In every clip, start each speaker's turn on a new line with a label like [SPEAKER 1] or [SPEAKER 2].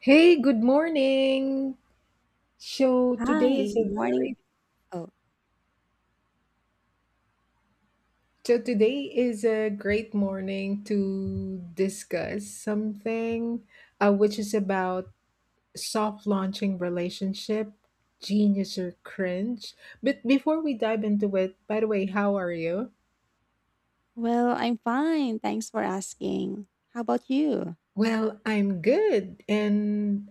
[SPEAKER 1] Hey, good morning. So today
[SPEAKER 2] Hi,
[SPEAKER 1] is
[SPEAKER 2] good
[SPEAKER 1] a
[SPEAKER 2] morning.
[SPEAKER 1] very
[SPEAKER 2] Oh,
[SPEAKER 1] so today is a great morning to discuss something which is about soft launching relationship, genius or cringe. But before we dive into it, by the way, how are you?
[SPEAKER 2] well, I'm fine. Thanks for asking. How about you?
[SPEAKER 1] Well, I'm good. And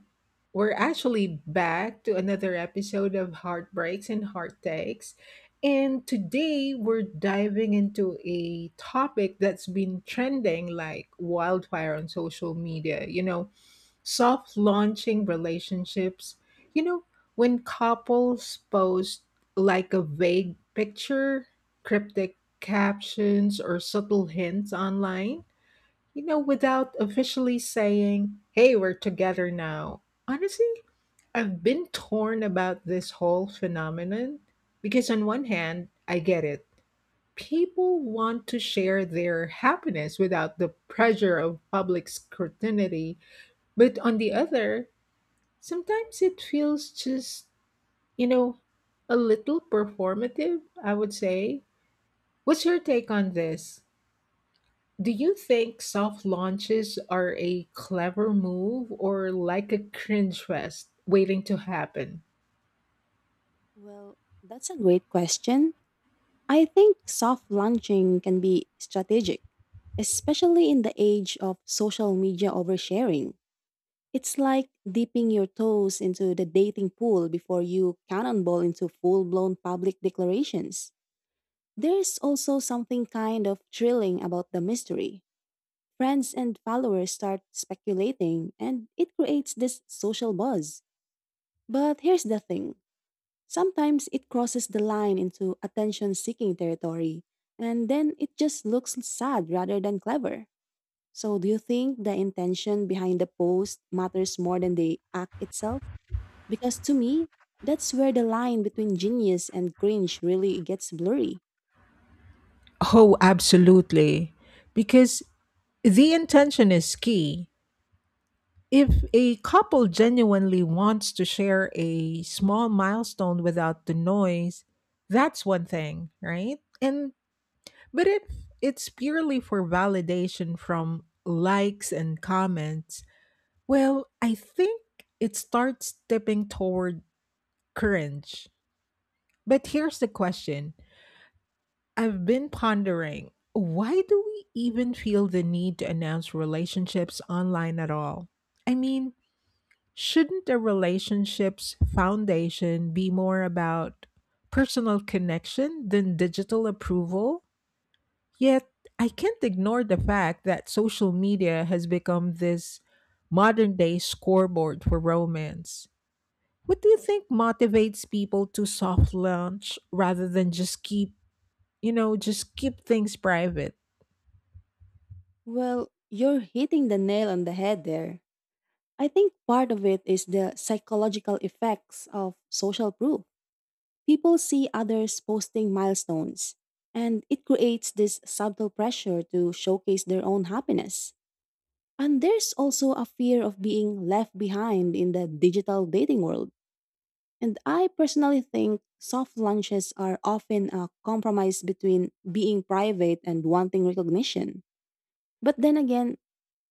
[SPEAKER 1] we're actually back to another episode of Heartbreaks and Heartakes. And today we're diving into a topic that's been trending like wildfire on social media. Soft launching relationships. You know, when couples post like a vague picture, cryptic captions, or subtle hints online, without officially saying, hey, we're together now. Honestly, I've been torn about this whole phenomenon because, on one hand, I get it. People want to share their happiness without the pressure of public scrutiny. But on the other, sometimes it feels just, you know, a little performative, I would say. What's your take on this? Do you think soft launches are a clever move or like a cringe fest waiting to happen?
[SPEAKER 2] Well, that's a great question. I think soft launching can be strategic, especially in the age of social media oversharing. It's like dipping your toes into the dating pool before you cannonball into full blown public declarations. There's also something kind of thrilling about the mystery. Friends and followers start speculating, and it creates this social buzz. But here's the thing, sometimes it crosses the line into attention seeking territory, and then it just looks sad rather than clever. So, do you think the intention behind the post matters more than the act itself? Because to me, that's where the line between genius and cringe really gets blurry.
[SPEAKER 1] Oh, absolutely. Because the intention is key. If a couple genuinely wants to share a small milestone without the noise, that's one thing, right? And but if it's purely for validation from likes and comments, well, I think it starts tipping toward cringe. But here's the question I've been pondering: why do we even feel the need to announce relationships online at all? I mean, shouldn't a relationship's foundation be more about personal connection than digital approval? Yet, I can't ignore the fact that social media has become this modern day scoreboard for romance. What do you think motivates people to soft launch rather than just keep, just keep things private?
[SPEAKER 2] Well, you're hitting the nail on the head there. I think part of it is the psychological effects of social proof. People see others posting milestones, and it creates this subtle pressure to showcase their own happiness. And there's also a fear of being left behind in the digital dating world. And I personally think soft lunches are often a compromise between being private and wanting recognition. But then again,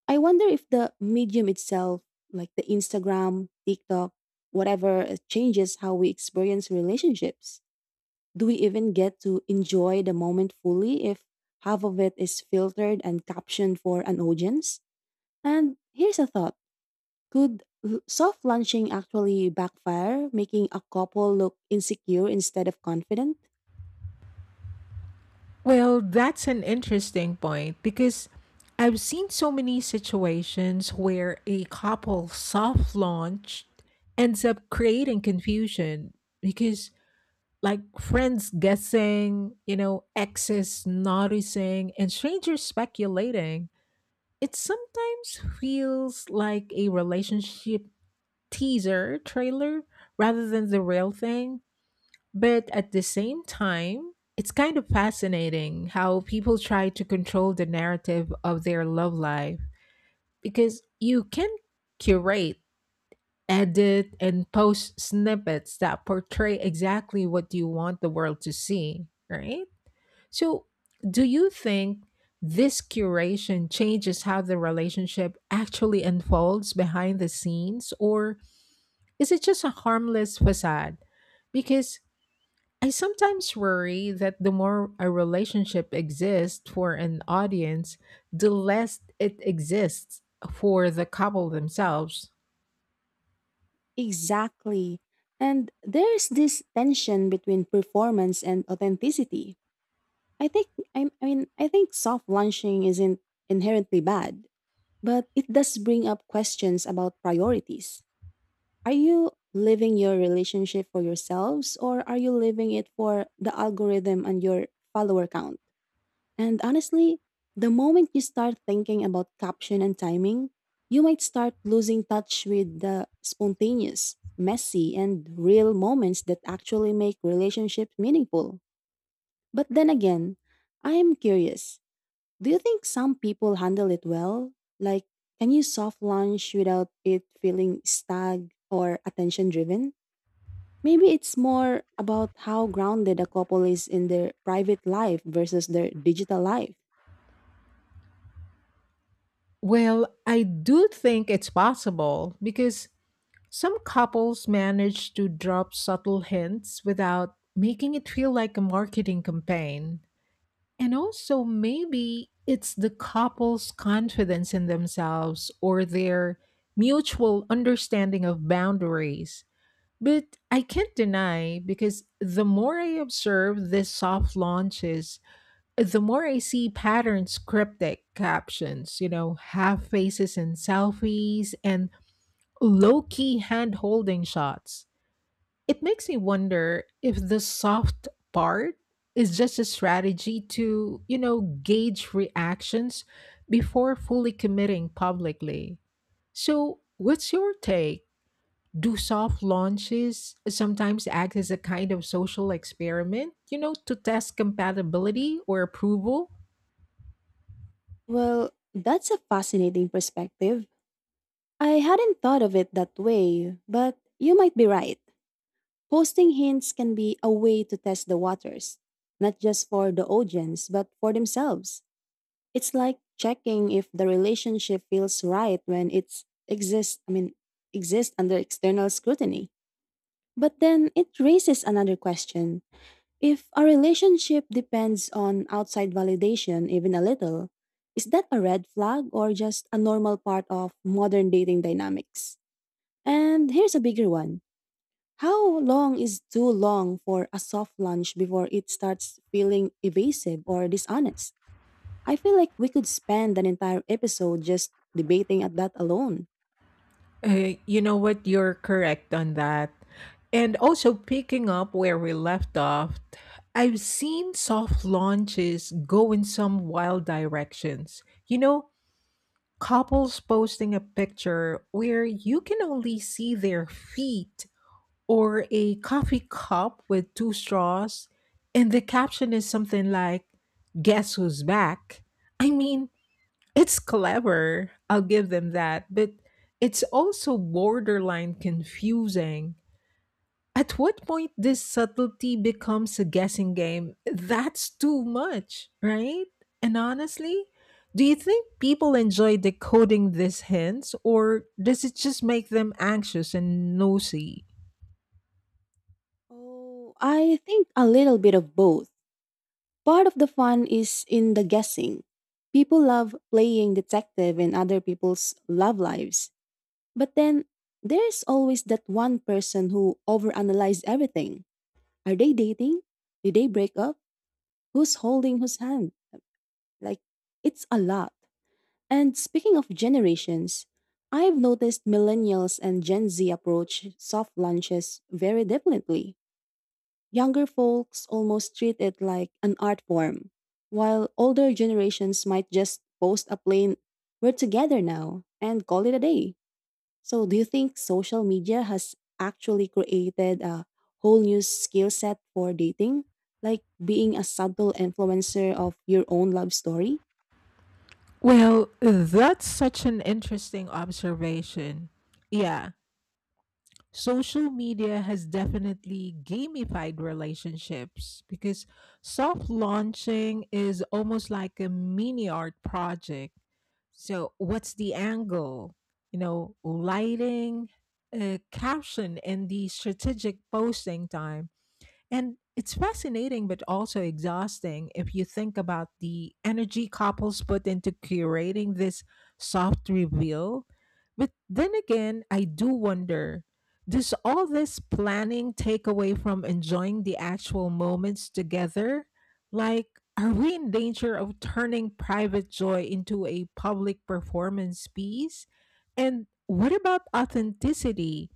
[SPEAKER 2] I wonder if the medium itself, like the Instagram, TikTok, whatever, changes how we experience relationships. Do we even get to enjoy the moment fully if half of it is filtered and captioned for an audience? And here's a thought, soft launching actually backfire, making a couple look insecure instead of confident?
[SPEAKER 1] Well, that's an interesting point because I've seen so many situations where a couple soft launched ends up creating confusion because, like, friends guessing, you know, exes noticing, and strangers speculating. It sometimes feels like a relationship teaser trailer rather than the real thing. But at the same time, it's kind of fascinating how people try to control the narrative of their love life because you can curate, edit, and post snippets that portray exactly what you want the world to see, right? So, do you think this curation changes how the relationship actually unfolds behind the scenes, or is it just a harmless facade? Because I sometimes worry that the more a relationship exists for an audience, the less it exists for the couple themselves.
[SPEAKER 2] Exactly. And there's this tension between performance and authenticity. I think I mean I think soft launching isn't inherently bad, but it does bring up questions about priorities. Are you living your relationship for yourselves or are you living it for the algorithm and your follower count? And honestly, the moment you start thinking about caption and timing, you might start losing touch with the spontaneous, messy, and real moments that actually make relationships meaningful. But then again, I am curious, do you think some people handle it well? Like, can you soft launch without it feeling stag or attention driven? Maybe it's more about how grounded a couple is in their private life versus their digital life.
[SPEAKER 1] Well, I do think it's possible because some couples manage to drop subtle hints without making it feel like a marketing campaign. And also, maybe it's the couple's confidence in themselves or their mutual understanding of boundaries. But I can't deny because the more I observe these soft launches, the more I see patterns, cryptic captions, you know, half faces in selfies, and low key hand holding shots. It makes me wonder if the soft part is just a strategy to, gauge reactions before fully committing publicly. So, what's your take? Do soft launches sometimes act as a kind of social experiment, you know, to test compatibility or approval?
[SPEAKER 2] Well, that's a fascinating perspective. I hadn't thought of it that way, but you might be right. Posting hints can be a way to test the waters, not just for the audience, but for themselves. It's like checking if the relationship feels right when it's exists, I mean, exists under external scrutiny. But then it raises another question. If a relationship depends on outside validation even a little, is that a red flag or just a normal part of modern dating dynamics? And here's a bigger one. How long is too long for a soft lunch before it starts feeling evasive or dishonest? I feel like we could spend an entire episode just debating at that alone.
[SPEAKER 1] You know what? You're correct on that. And also, picking up where we left off, I've seen soft launches go in some wild directions. You know, couples posting a picture where you can only see their feet or a coffee cup with two straws, and the caption is something like, guess who's back? I mean, it's clever, I'll give them that, but it's also borderline confusing. At what point this subtlety becomes a guessing game? That's too much, right? And honestly, do you think people enjoy decoding these hints, or does it just make them anxious and nosy?
[SPEAKER 2] Oh, I think a little bit of both. Part of the fun is in the guessing. People love playing detective in other people's love lives. But then there's always that one person who overanalyzes everything. Are they dating? Did they break up? Who's holding whose hand? Like, it's a lot. And speaking of generations, I've noticed millennials and Gen Z approach soft lunches very differently. Younger folks almost treat it like an art form, while older generations might just post a plain, "We're together now," and call it a day. So, do you think social media has actually created a whole new skill set for dating? Like being a subtle influencer of your own love story?
[SPEAKER 1] Well, that's such an interesting observation. Yeah, social media has definitely gamified relationships because soft launching is almost like a mini art project. So, what's the angle? You know, lighting, caption, and the strategic posting time, and it's fascinating, but also exhausting if you think about the energy couples put into curating this soft reveal. But then again, I do wonder, does all this planning take away from enjoying the actual moments together? Like, are we in danger of turning private joy into a public performance piece? And what about authenticity?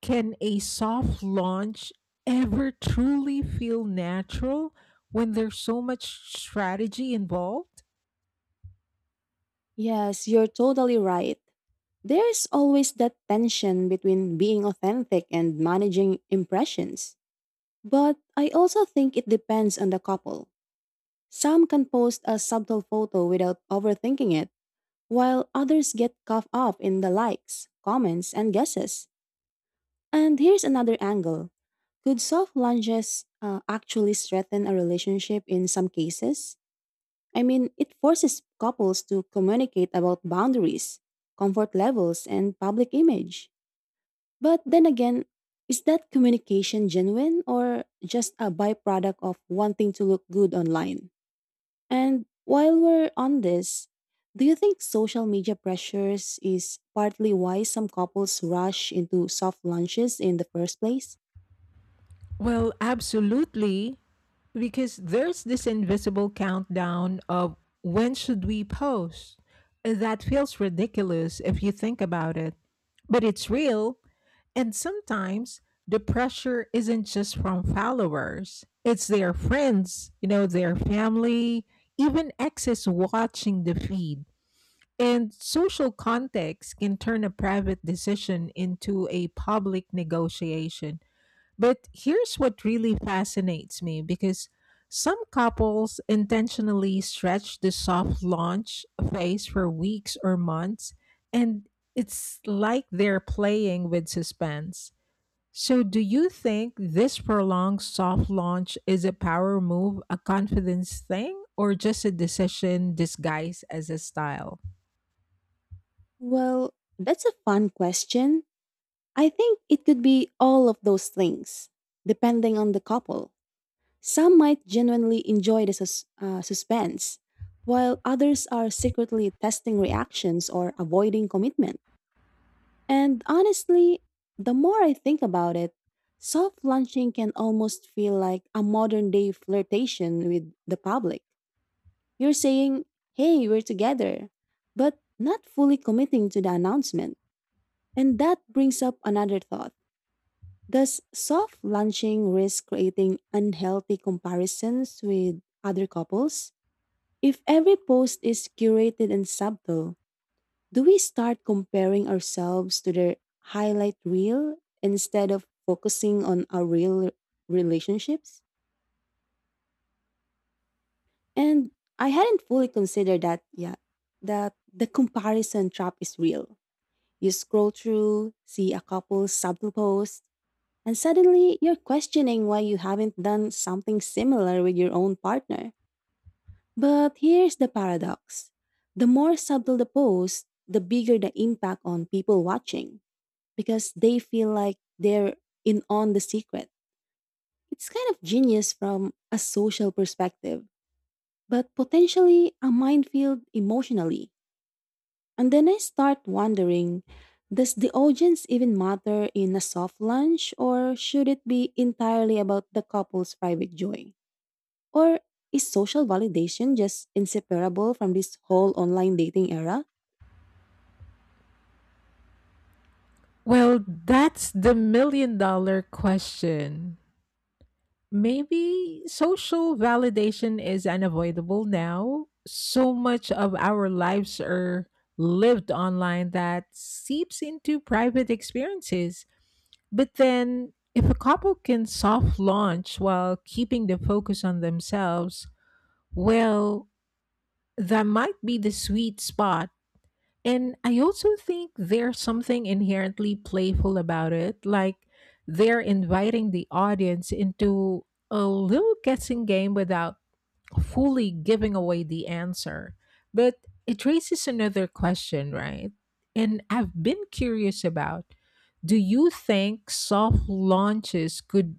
[SPEAKER 1] Can a soft launch ever truly feel natural when there's so much strategy involved?
[SPEAKER 2] Yes, you're totally right. There's always that tension between being authentic and managing impressions. But I also think it depends on the couple. Some can post a subtle photo without overthinking it, while others get caught up in the likes, comments, and guesses. And here's another angle. Could soft lunges actually strengthen a relationship in some cases? I mean, it forces couples to communicate about boundaries, comfort levels, and public image. But then again, is that communication genuine or just a byproduct of wanting to look good online? And while we're on this, do you think social media pressures is partly why some couples rush into soft lunches in the first place?
[SPEAKER 1] Well, absolutely, because there's this invisible countdown of when should we post. That feels ridiculous if you think about it, but it's real, and sometimes the pressure isn't just from followers. It's their friends, you know, their family, even exes watching the feed, and social context can turn a private decision into a public negotiation. But here's what really fascinates me because some couples intentionally stretch the soft launch phase for weeks or months, and it's like they're playing with suspense. So, do you think this prolonged soft launch is a power move, a confidence thing, or just a decision disguised as a style?
[SPEAKER 2] Well, that's a fun question. I think it could be all of those things, depending on the couple. Some might genuinely enjoy the suspense, while others are secretly testing reactions or avoiding commitment. And honestly, the more I think about it, soft launching can almost feel like a modern day flirtation with the public. You're saying, "Hey, we're together," but not fully committing to the announcement. And that brings up another thought. Does soft launching risk creating unhealthy comparisons with other couples? If every post is curated and subtle, do we start comparing ourselves to their highlight reel instead of focusing on our real relationships? And I hadn't fully considered that yet, that the comparison trap is real. You scroll through, see a couple's subtle post, and suddenly, you're questioning why you haven't done something similar with your own partner. But here's the paradox, the more subtle the post, the bigger the impact on people watching because they feel like they're in on the secret. It's kind of genius from a social perspective, but potentially a minefield emotionally. And then I start wondering, does the audience even matter in a soft lunch, or should it be entirely about the couple's private joy? Or is social validation just inseparable from this whole online dating era?
[SPEAKER 1] Well, that's the million dollar question. Maybe social validation is unavoidable now. So much of our lives are lived online that seeps into private experiences. But then, if a couple can soft launch while keeping the focus on themselves, well, that might be the sweet spot, and I also think there's something inherently playful about it. Like, they're inviting the audience into a little guessing game without fully giving away the answer. But it raises another question, right? And I've been curious about, do you think soft launches could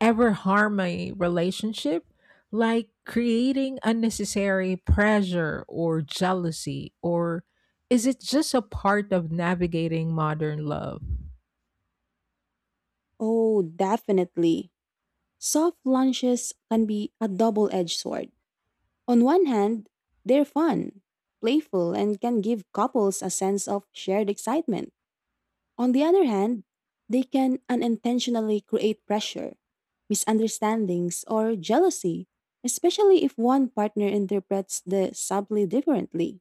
[SPEAKER 1] ever harm a relationship, like creating unnecessary pressure or jealousy? Or is it just a part of navigating modern love?
[SPEAKER 2] Oh, definitely. Soft lunches can be a double edged sword. On one hand, they're fun, playful, and can give couples a sense of shared excitement. On the other hand, they can unintentionally create pressure, misunderstandings, or jealousy, especially if one partner interprets the subtly differently.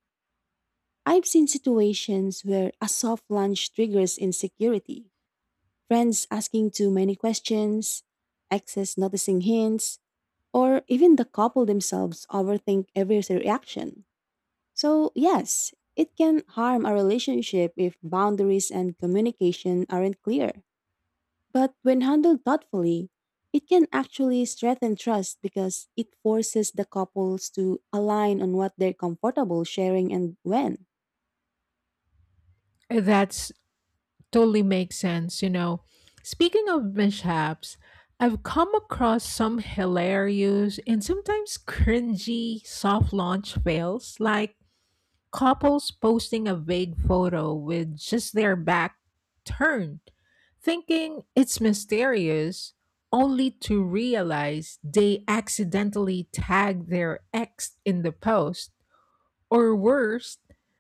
[SPEAKER 2] I've seen situations where a soft lunch triggers insecurity, friends asking too many questions, exes noticing hints, or even the couple themselves overthink every reaction. So, yes, it can harm a relationship if boundaries and communication aren't clear. But when handled thoughtfully, it can actually strengthen trust because it forces the couples to align on what they're comfortable sharing and when.
[SPEAKER 1] That's totally makes sense, you know. Speaking of mishaps, I've come across some hilarious and sometimes cringy soft launch fails, like couples posting a vague photo with just their back turned, thinking it's mysterious, only to realize they accidentally tagged their ex in the post. Or worse,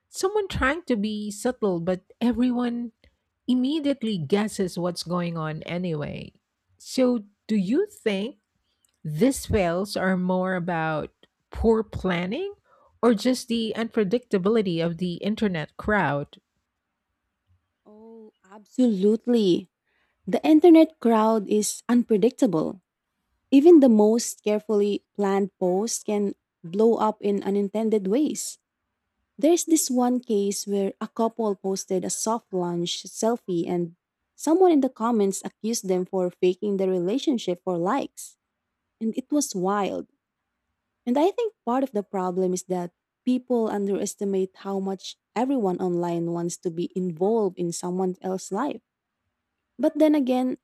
[SPEAKER 1] someone trying to be subtle, but everyone immediately guesses what's going on anyway. So, do you think these fails are more about poor planning or just the unpredictability of the internet crowd?
[SPEAKER 2] Oh, absolutely. The internet crowd is unpredictable. Even the most carefully planned post can blow up in unintended ways. There's this one case where a couple posted a soft lunch selfie and someone in the comments accused them for faking their relationship for likes, and it was wild. And I think part of the problem is that people underestimate how much everyone online wants to be involved in someone else's life. But then again,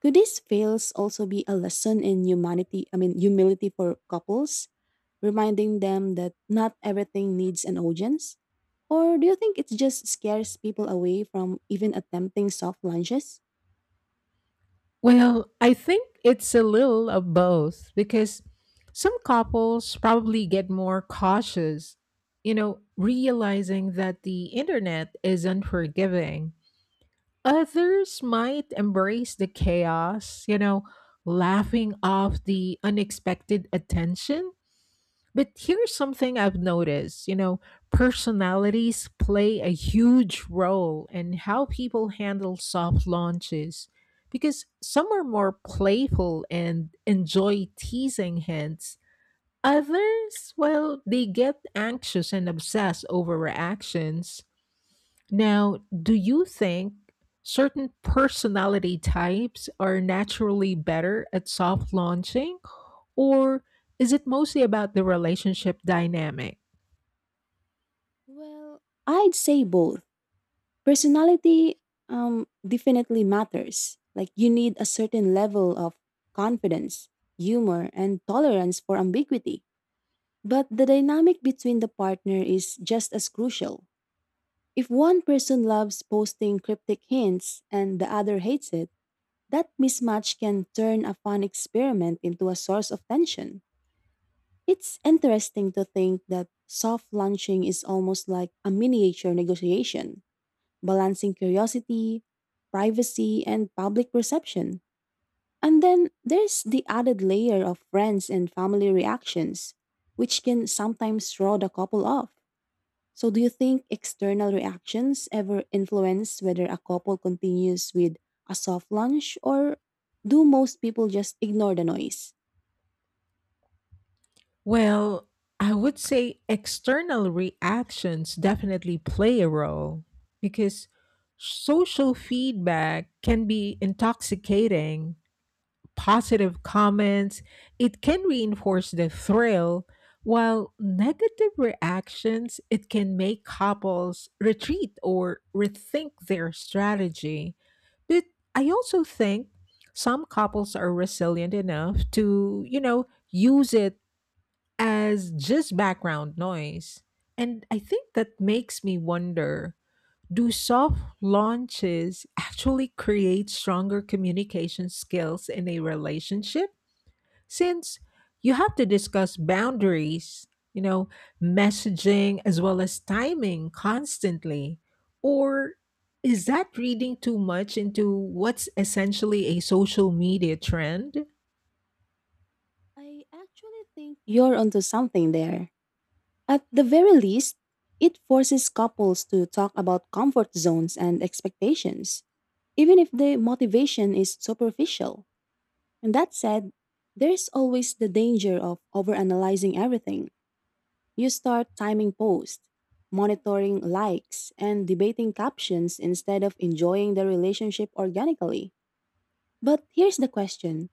[SPEAKER 2] could these fails also be a lesson in humility for couples, reminding them that not everything needs an audience? Or do you think it just scares people away from even attempting soft lunches?
[SPEAKER 1] Well, I think it's a little of both because some couples probably get more cautious, you know, realizing that the internet is unforgiving. Others might embrace the chaos, you know, laughing off the unexpected attention. But here's something I've noticed, you know, personalities play a huge role in how people handle soft launches because some are more playful and enjoy teasing hints. Others, well, they get anxious and obsess over reactions. Now, do you think certain personality types are naturally better at soft launching, or is it mostly about the relationship dynamic?
[SPEAKER 2] Well, I'd say both. Personality definitely matters. Like, you need a certain level of confidence, humor, and tolerance for ambiguity. But the dynamic between the partner is just as crucial. If one person loves posting cryptic hints and the other hates it, that mismatch can turn a fun experiment into a source of tension. It's interesting to think that soft launching is almost like a miniature negotiation balancing curiosity, privacy, and public perception. And then there's the added layer of friends and family reactions, which can sometimes throw the couple off. So, do you think external reactions ever influence whether a couple continues with a soft launch, or do most people just ignore the noise?
[SPEAKER 1] Well, I would say external reactions definitely play a role because social feedback can be intoxicating. Positive comments, it can reinforce the thrill, while negative reactions, it can make couples retreat or rethink their strategy. But I also think some couples are resilient enough to, use it as just background noise. And I think that makes me wonder, do soft launches actually create stronger communication skills in a relationship? Since you have to discuss boundaries, you know, messaging as well as timing constantly. Or is that reading too much into what's essentially a social media trend?
[SPEAKER 2] I actually think you're onto something there. At the very least, it forces couples to talk about comfort zones and expectations, even if the motivation is superficial. And that said, there's always the danger of overanalyzing everything. You start timing posts, monitoring likes, and debating captions instead of enjoying the relationship organically. But here's the question,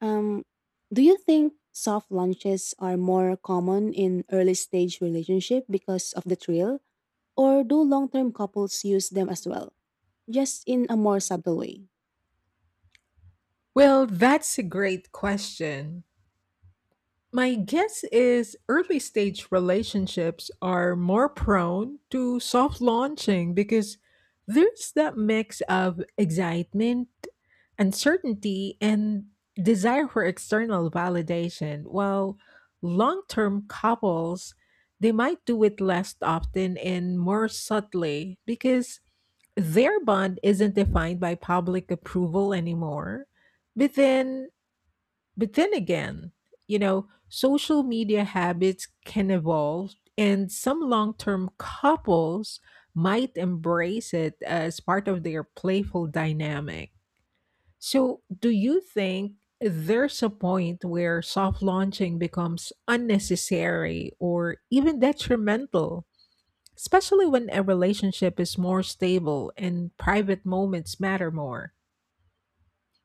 [SPEAKER 2] um, do you think soft launches are more common in early stage relationship because of the thrill? Or do long term couples use them as well? Just in a more subtle way.
[SPEAKER 1] Well, that's a great question. My guess is early stage relationships are more prone to soft launching because there's that mix of excitement, uncertainty, and desire for external validation. While long term couples, they might do it less often and more subtly because their bond isn't defined by public approval anymore. But then but then again, you know, social media habits can evolve, and some long term couples might embrace it as part of their playful dynamic. So, do you think there's a point where soft launching becomes unnecessary or even detrimental, especially when a relationship is more stable and private moments matter more?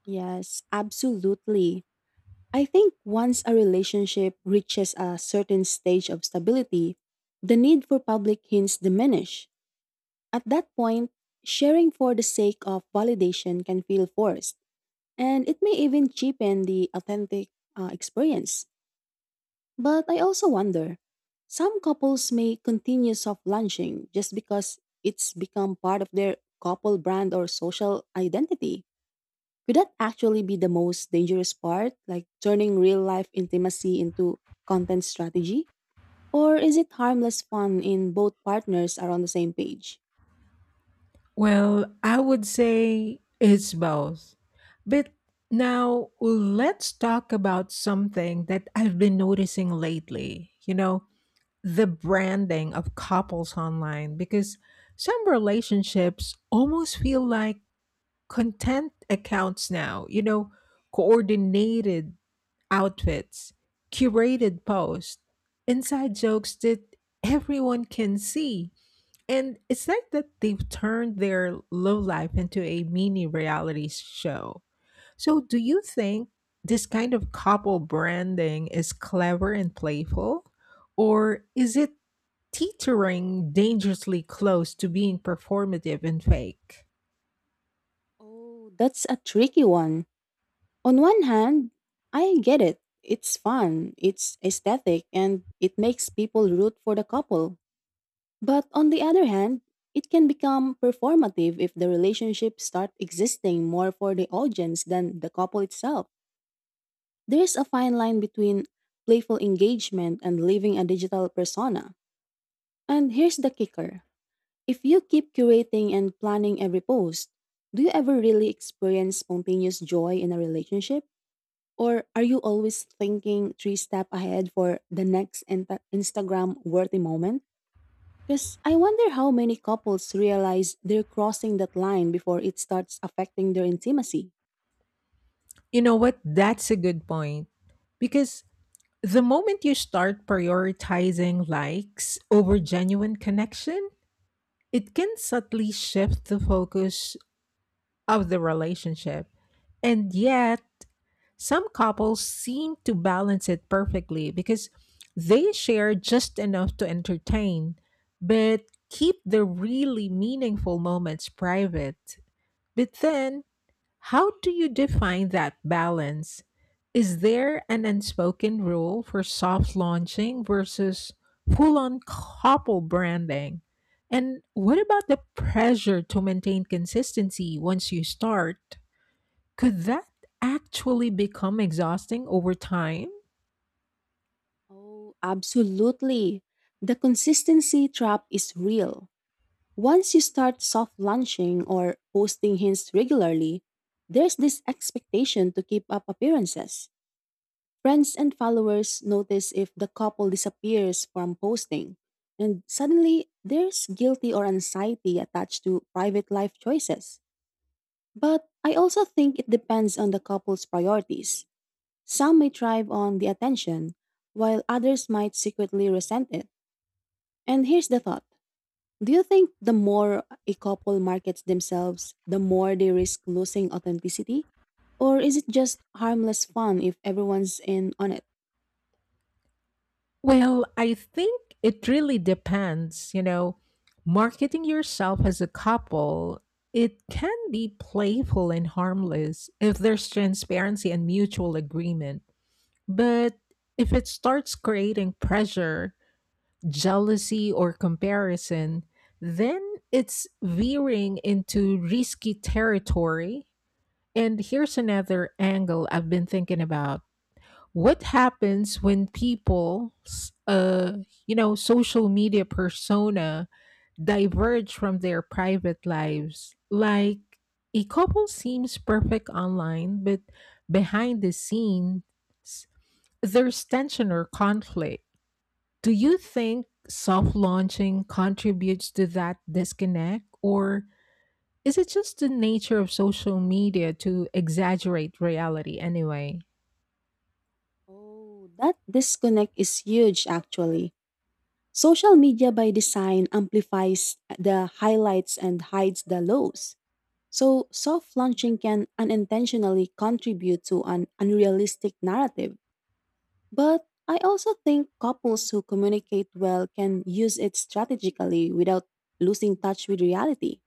[SPEAKER 2] Yes, absolutely. I think once a relationship reaches a certain stage of stability, the need for public hints diminish. At that point, sharing for the sake of validation can feel forced, and it may even cheapen the authentic experience. But I also wonder, some couples may continue soft launching just because it's become part of their couple brand or social identity. Could that actually be the most dangerous part, like turning real life intimacy into content strategy? Or is it harmless fun in both partners are on the same page?
[SPEAKER 1] Well, I would say it's both. But now let's talk about something that I've been noticing lately. You know, the branding of couples online, because some relationships almost feel like content accounts now, you know, coordinated outfits, curated posts, inside jokes that everyone can see. And it's like that they've turned their low life into a mini reality show. So, do you think this kind of couple branding is clever and playful? Or is it teetering dangerously close to being performative and fake?
[SPEAKER 2] Oh, that's a tricky one. On one hand, I get it. It's fun, it's aesthetic, and it makes people root for the couple. But on the other hand, it can become performative if the relationship start existing more for the audience than the couple itself. There's a fine line between playful engagement and living a digital persona. And here's the kicker. If you keep curating and planning every post, do you ever really experience spontaneous joy in a relationship? Or are you always thinking three steps ahead for the next Instagram worthy moment? Because I wonder how many couples realize they're crossing that line before it starts affecting their intimacy.
[SPEAKER 1] You know what? That's a good point. Because the moment you start prioritizing likes over genuine connection, it can subtly shift the focus of the relationship. And yet, some couples seem to balance it perfectly because they share just enough to entertain, but keep the really meaningful moments private. But then how do you define that balance? Is there an unspoken rule for soft launching versus full on couple branding? And what about the pressure to maintain consistency once you start? Could that actually become exhausting over time?
[SPEAKER 2] Oh, absolutely. The consistency trap is real. Once you start soft launching or posting hints regularly, there's this expectation to keep up appearances. Friends and followers notice if the couple disappears from posting, and suddenly there's guilty or anxiety attached to private life choices. But I also think it depends on the couple's priorities. Some may thrive on the attention, while others might secretly resent it. And here's the thought, do you think the more a couple markets themselves, the more they risk losing authenticity? Or is it just harmless fun if everyone's in on it?
[SPEAKER 1] Well, I think it really depends. You know, marketing yourself as a couple, it can be playful and harmless if there's transparency and mutual agreement. But if it starts creating pressure, jealousy, or comparison, then it's veering into risky territory. And here's another angle I've been thinking about: what happens when people's you know social media persona diverge from their private lives, like a couple seems perfect online but behind the scenes there's tension or conflict? Do you think soft launching contributes to that disconnect, or is it just the nature of social media to exaggerate reality anyway?
[SPEAKER 2] Oh, that disconnect is huge actually. Social media by design amplifies the highlights and hides the lows. So, soft launching can unintentionally contribute to an unrealistic narrative. But I also think couples who communicate well can use it strategically without losing touch with reality.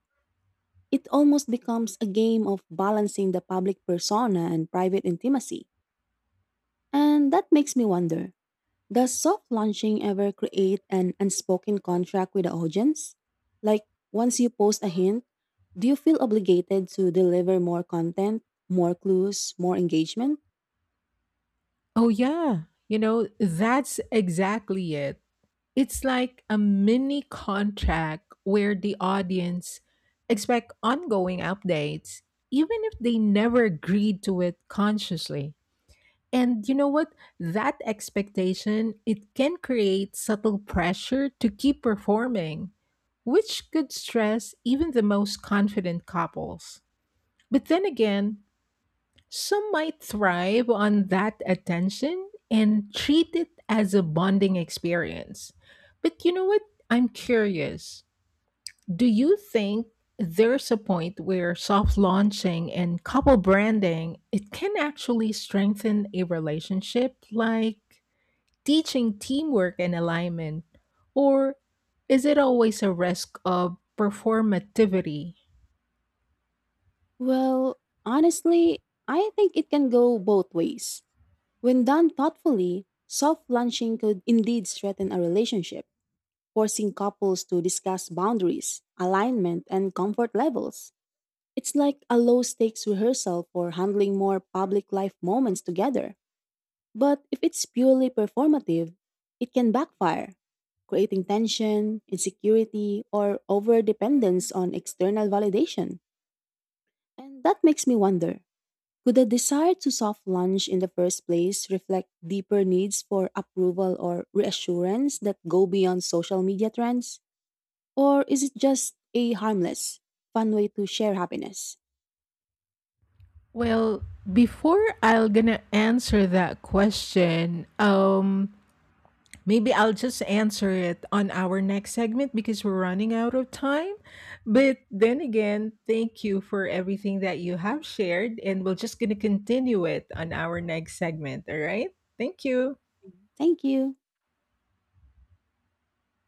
[SPEAKER 2] It almost becomes a game of balancing the public persona and private intimacy. And that makes me wonder, does soft launching ever create an unspoken contract with the audience? Like, once you post a hint, do you feel obligated to deliver more content, more clues, more engagement?
[SPEAKER 1] Oh, yeah. You know, that's exactly it. It's like a mini contract where the audience expect ongoing updates, even if they never agreed to it consciously. And you know what? That expectation, it can create subtle pressure to keep performing, which could stress even the most confident couples. But then again, some might thrive on that attention and treat it as a bonding experience. But you know what? I'm curious. Do you think there's a point where soft launching and couple branding it can actually strengthen a relationship, like teaching teamwork and alignment, or is it always a risk of performativity?
[SPEAKER 2] Well, honestly, I think it can go both ways. When done thoughtfully, soft launching could indeed strengthen a relationship, forcing couples to discuss boundaries, alignment, and comfort levels. It's like a low stakes rehearsal for handling more public life moments together. But if it's purely performative, it can backfire, creating tension, insecurity, or over dependence on external validation. And that makes me wonder, could the desire to soft launch in the first place reflect deeper needs for approval or reassurance that go beyond social media trends? Or is it just a harmless, fun way to share happiness?
[SPEAKER 1] Well, before I'll gonna answer that question, maybe I'll just answer it on our next segment because we're running out of time. But then again, thank you for everything that you have shared, and we're just going to continue it on our next segment. All right. Thank you.
[SPEAKER 2] Thank you.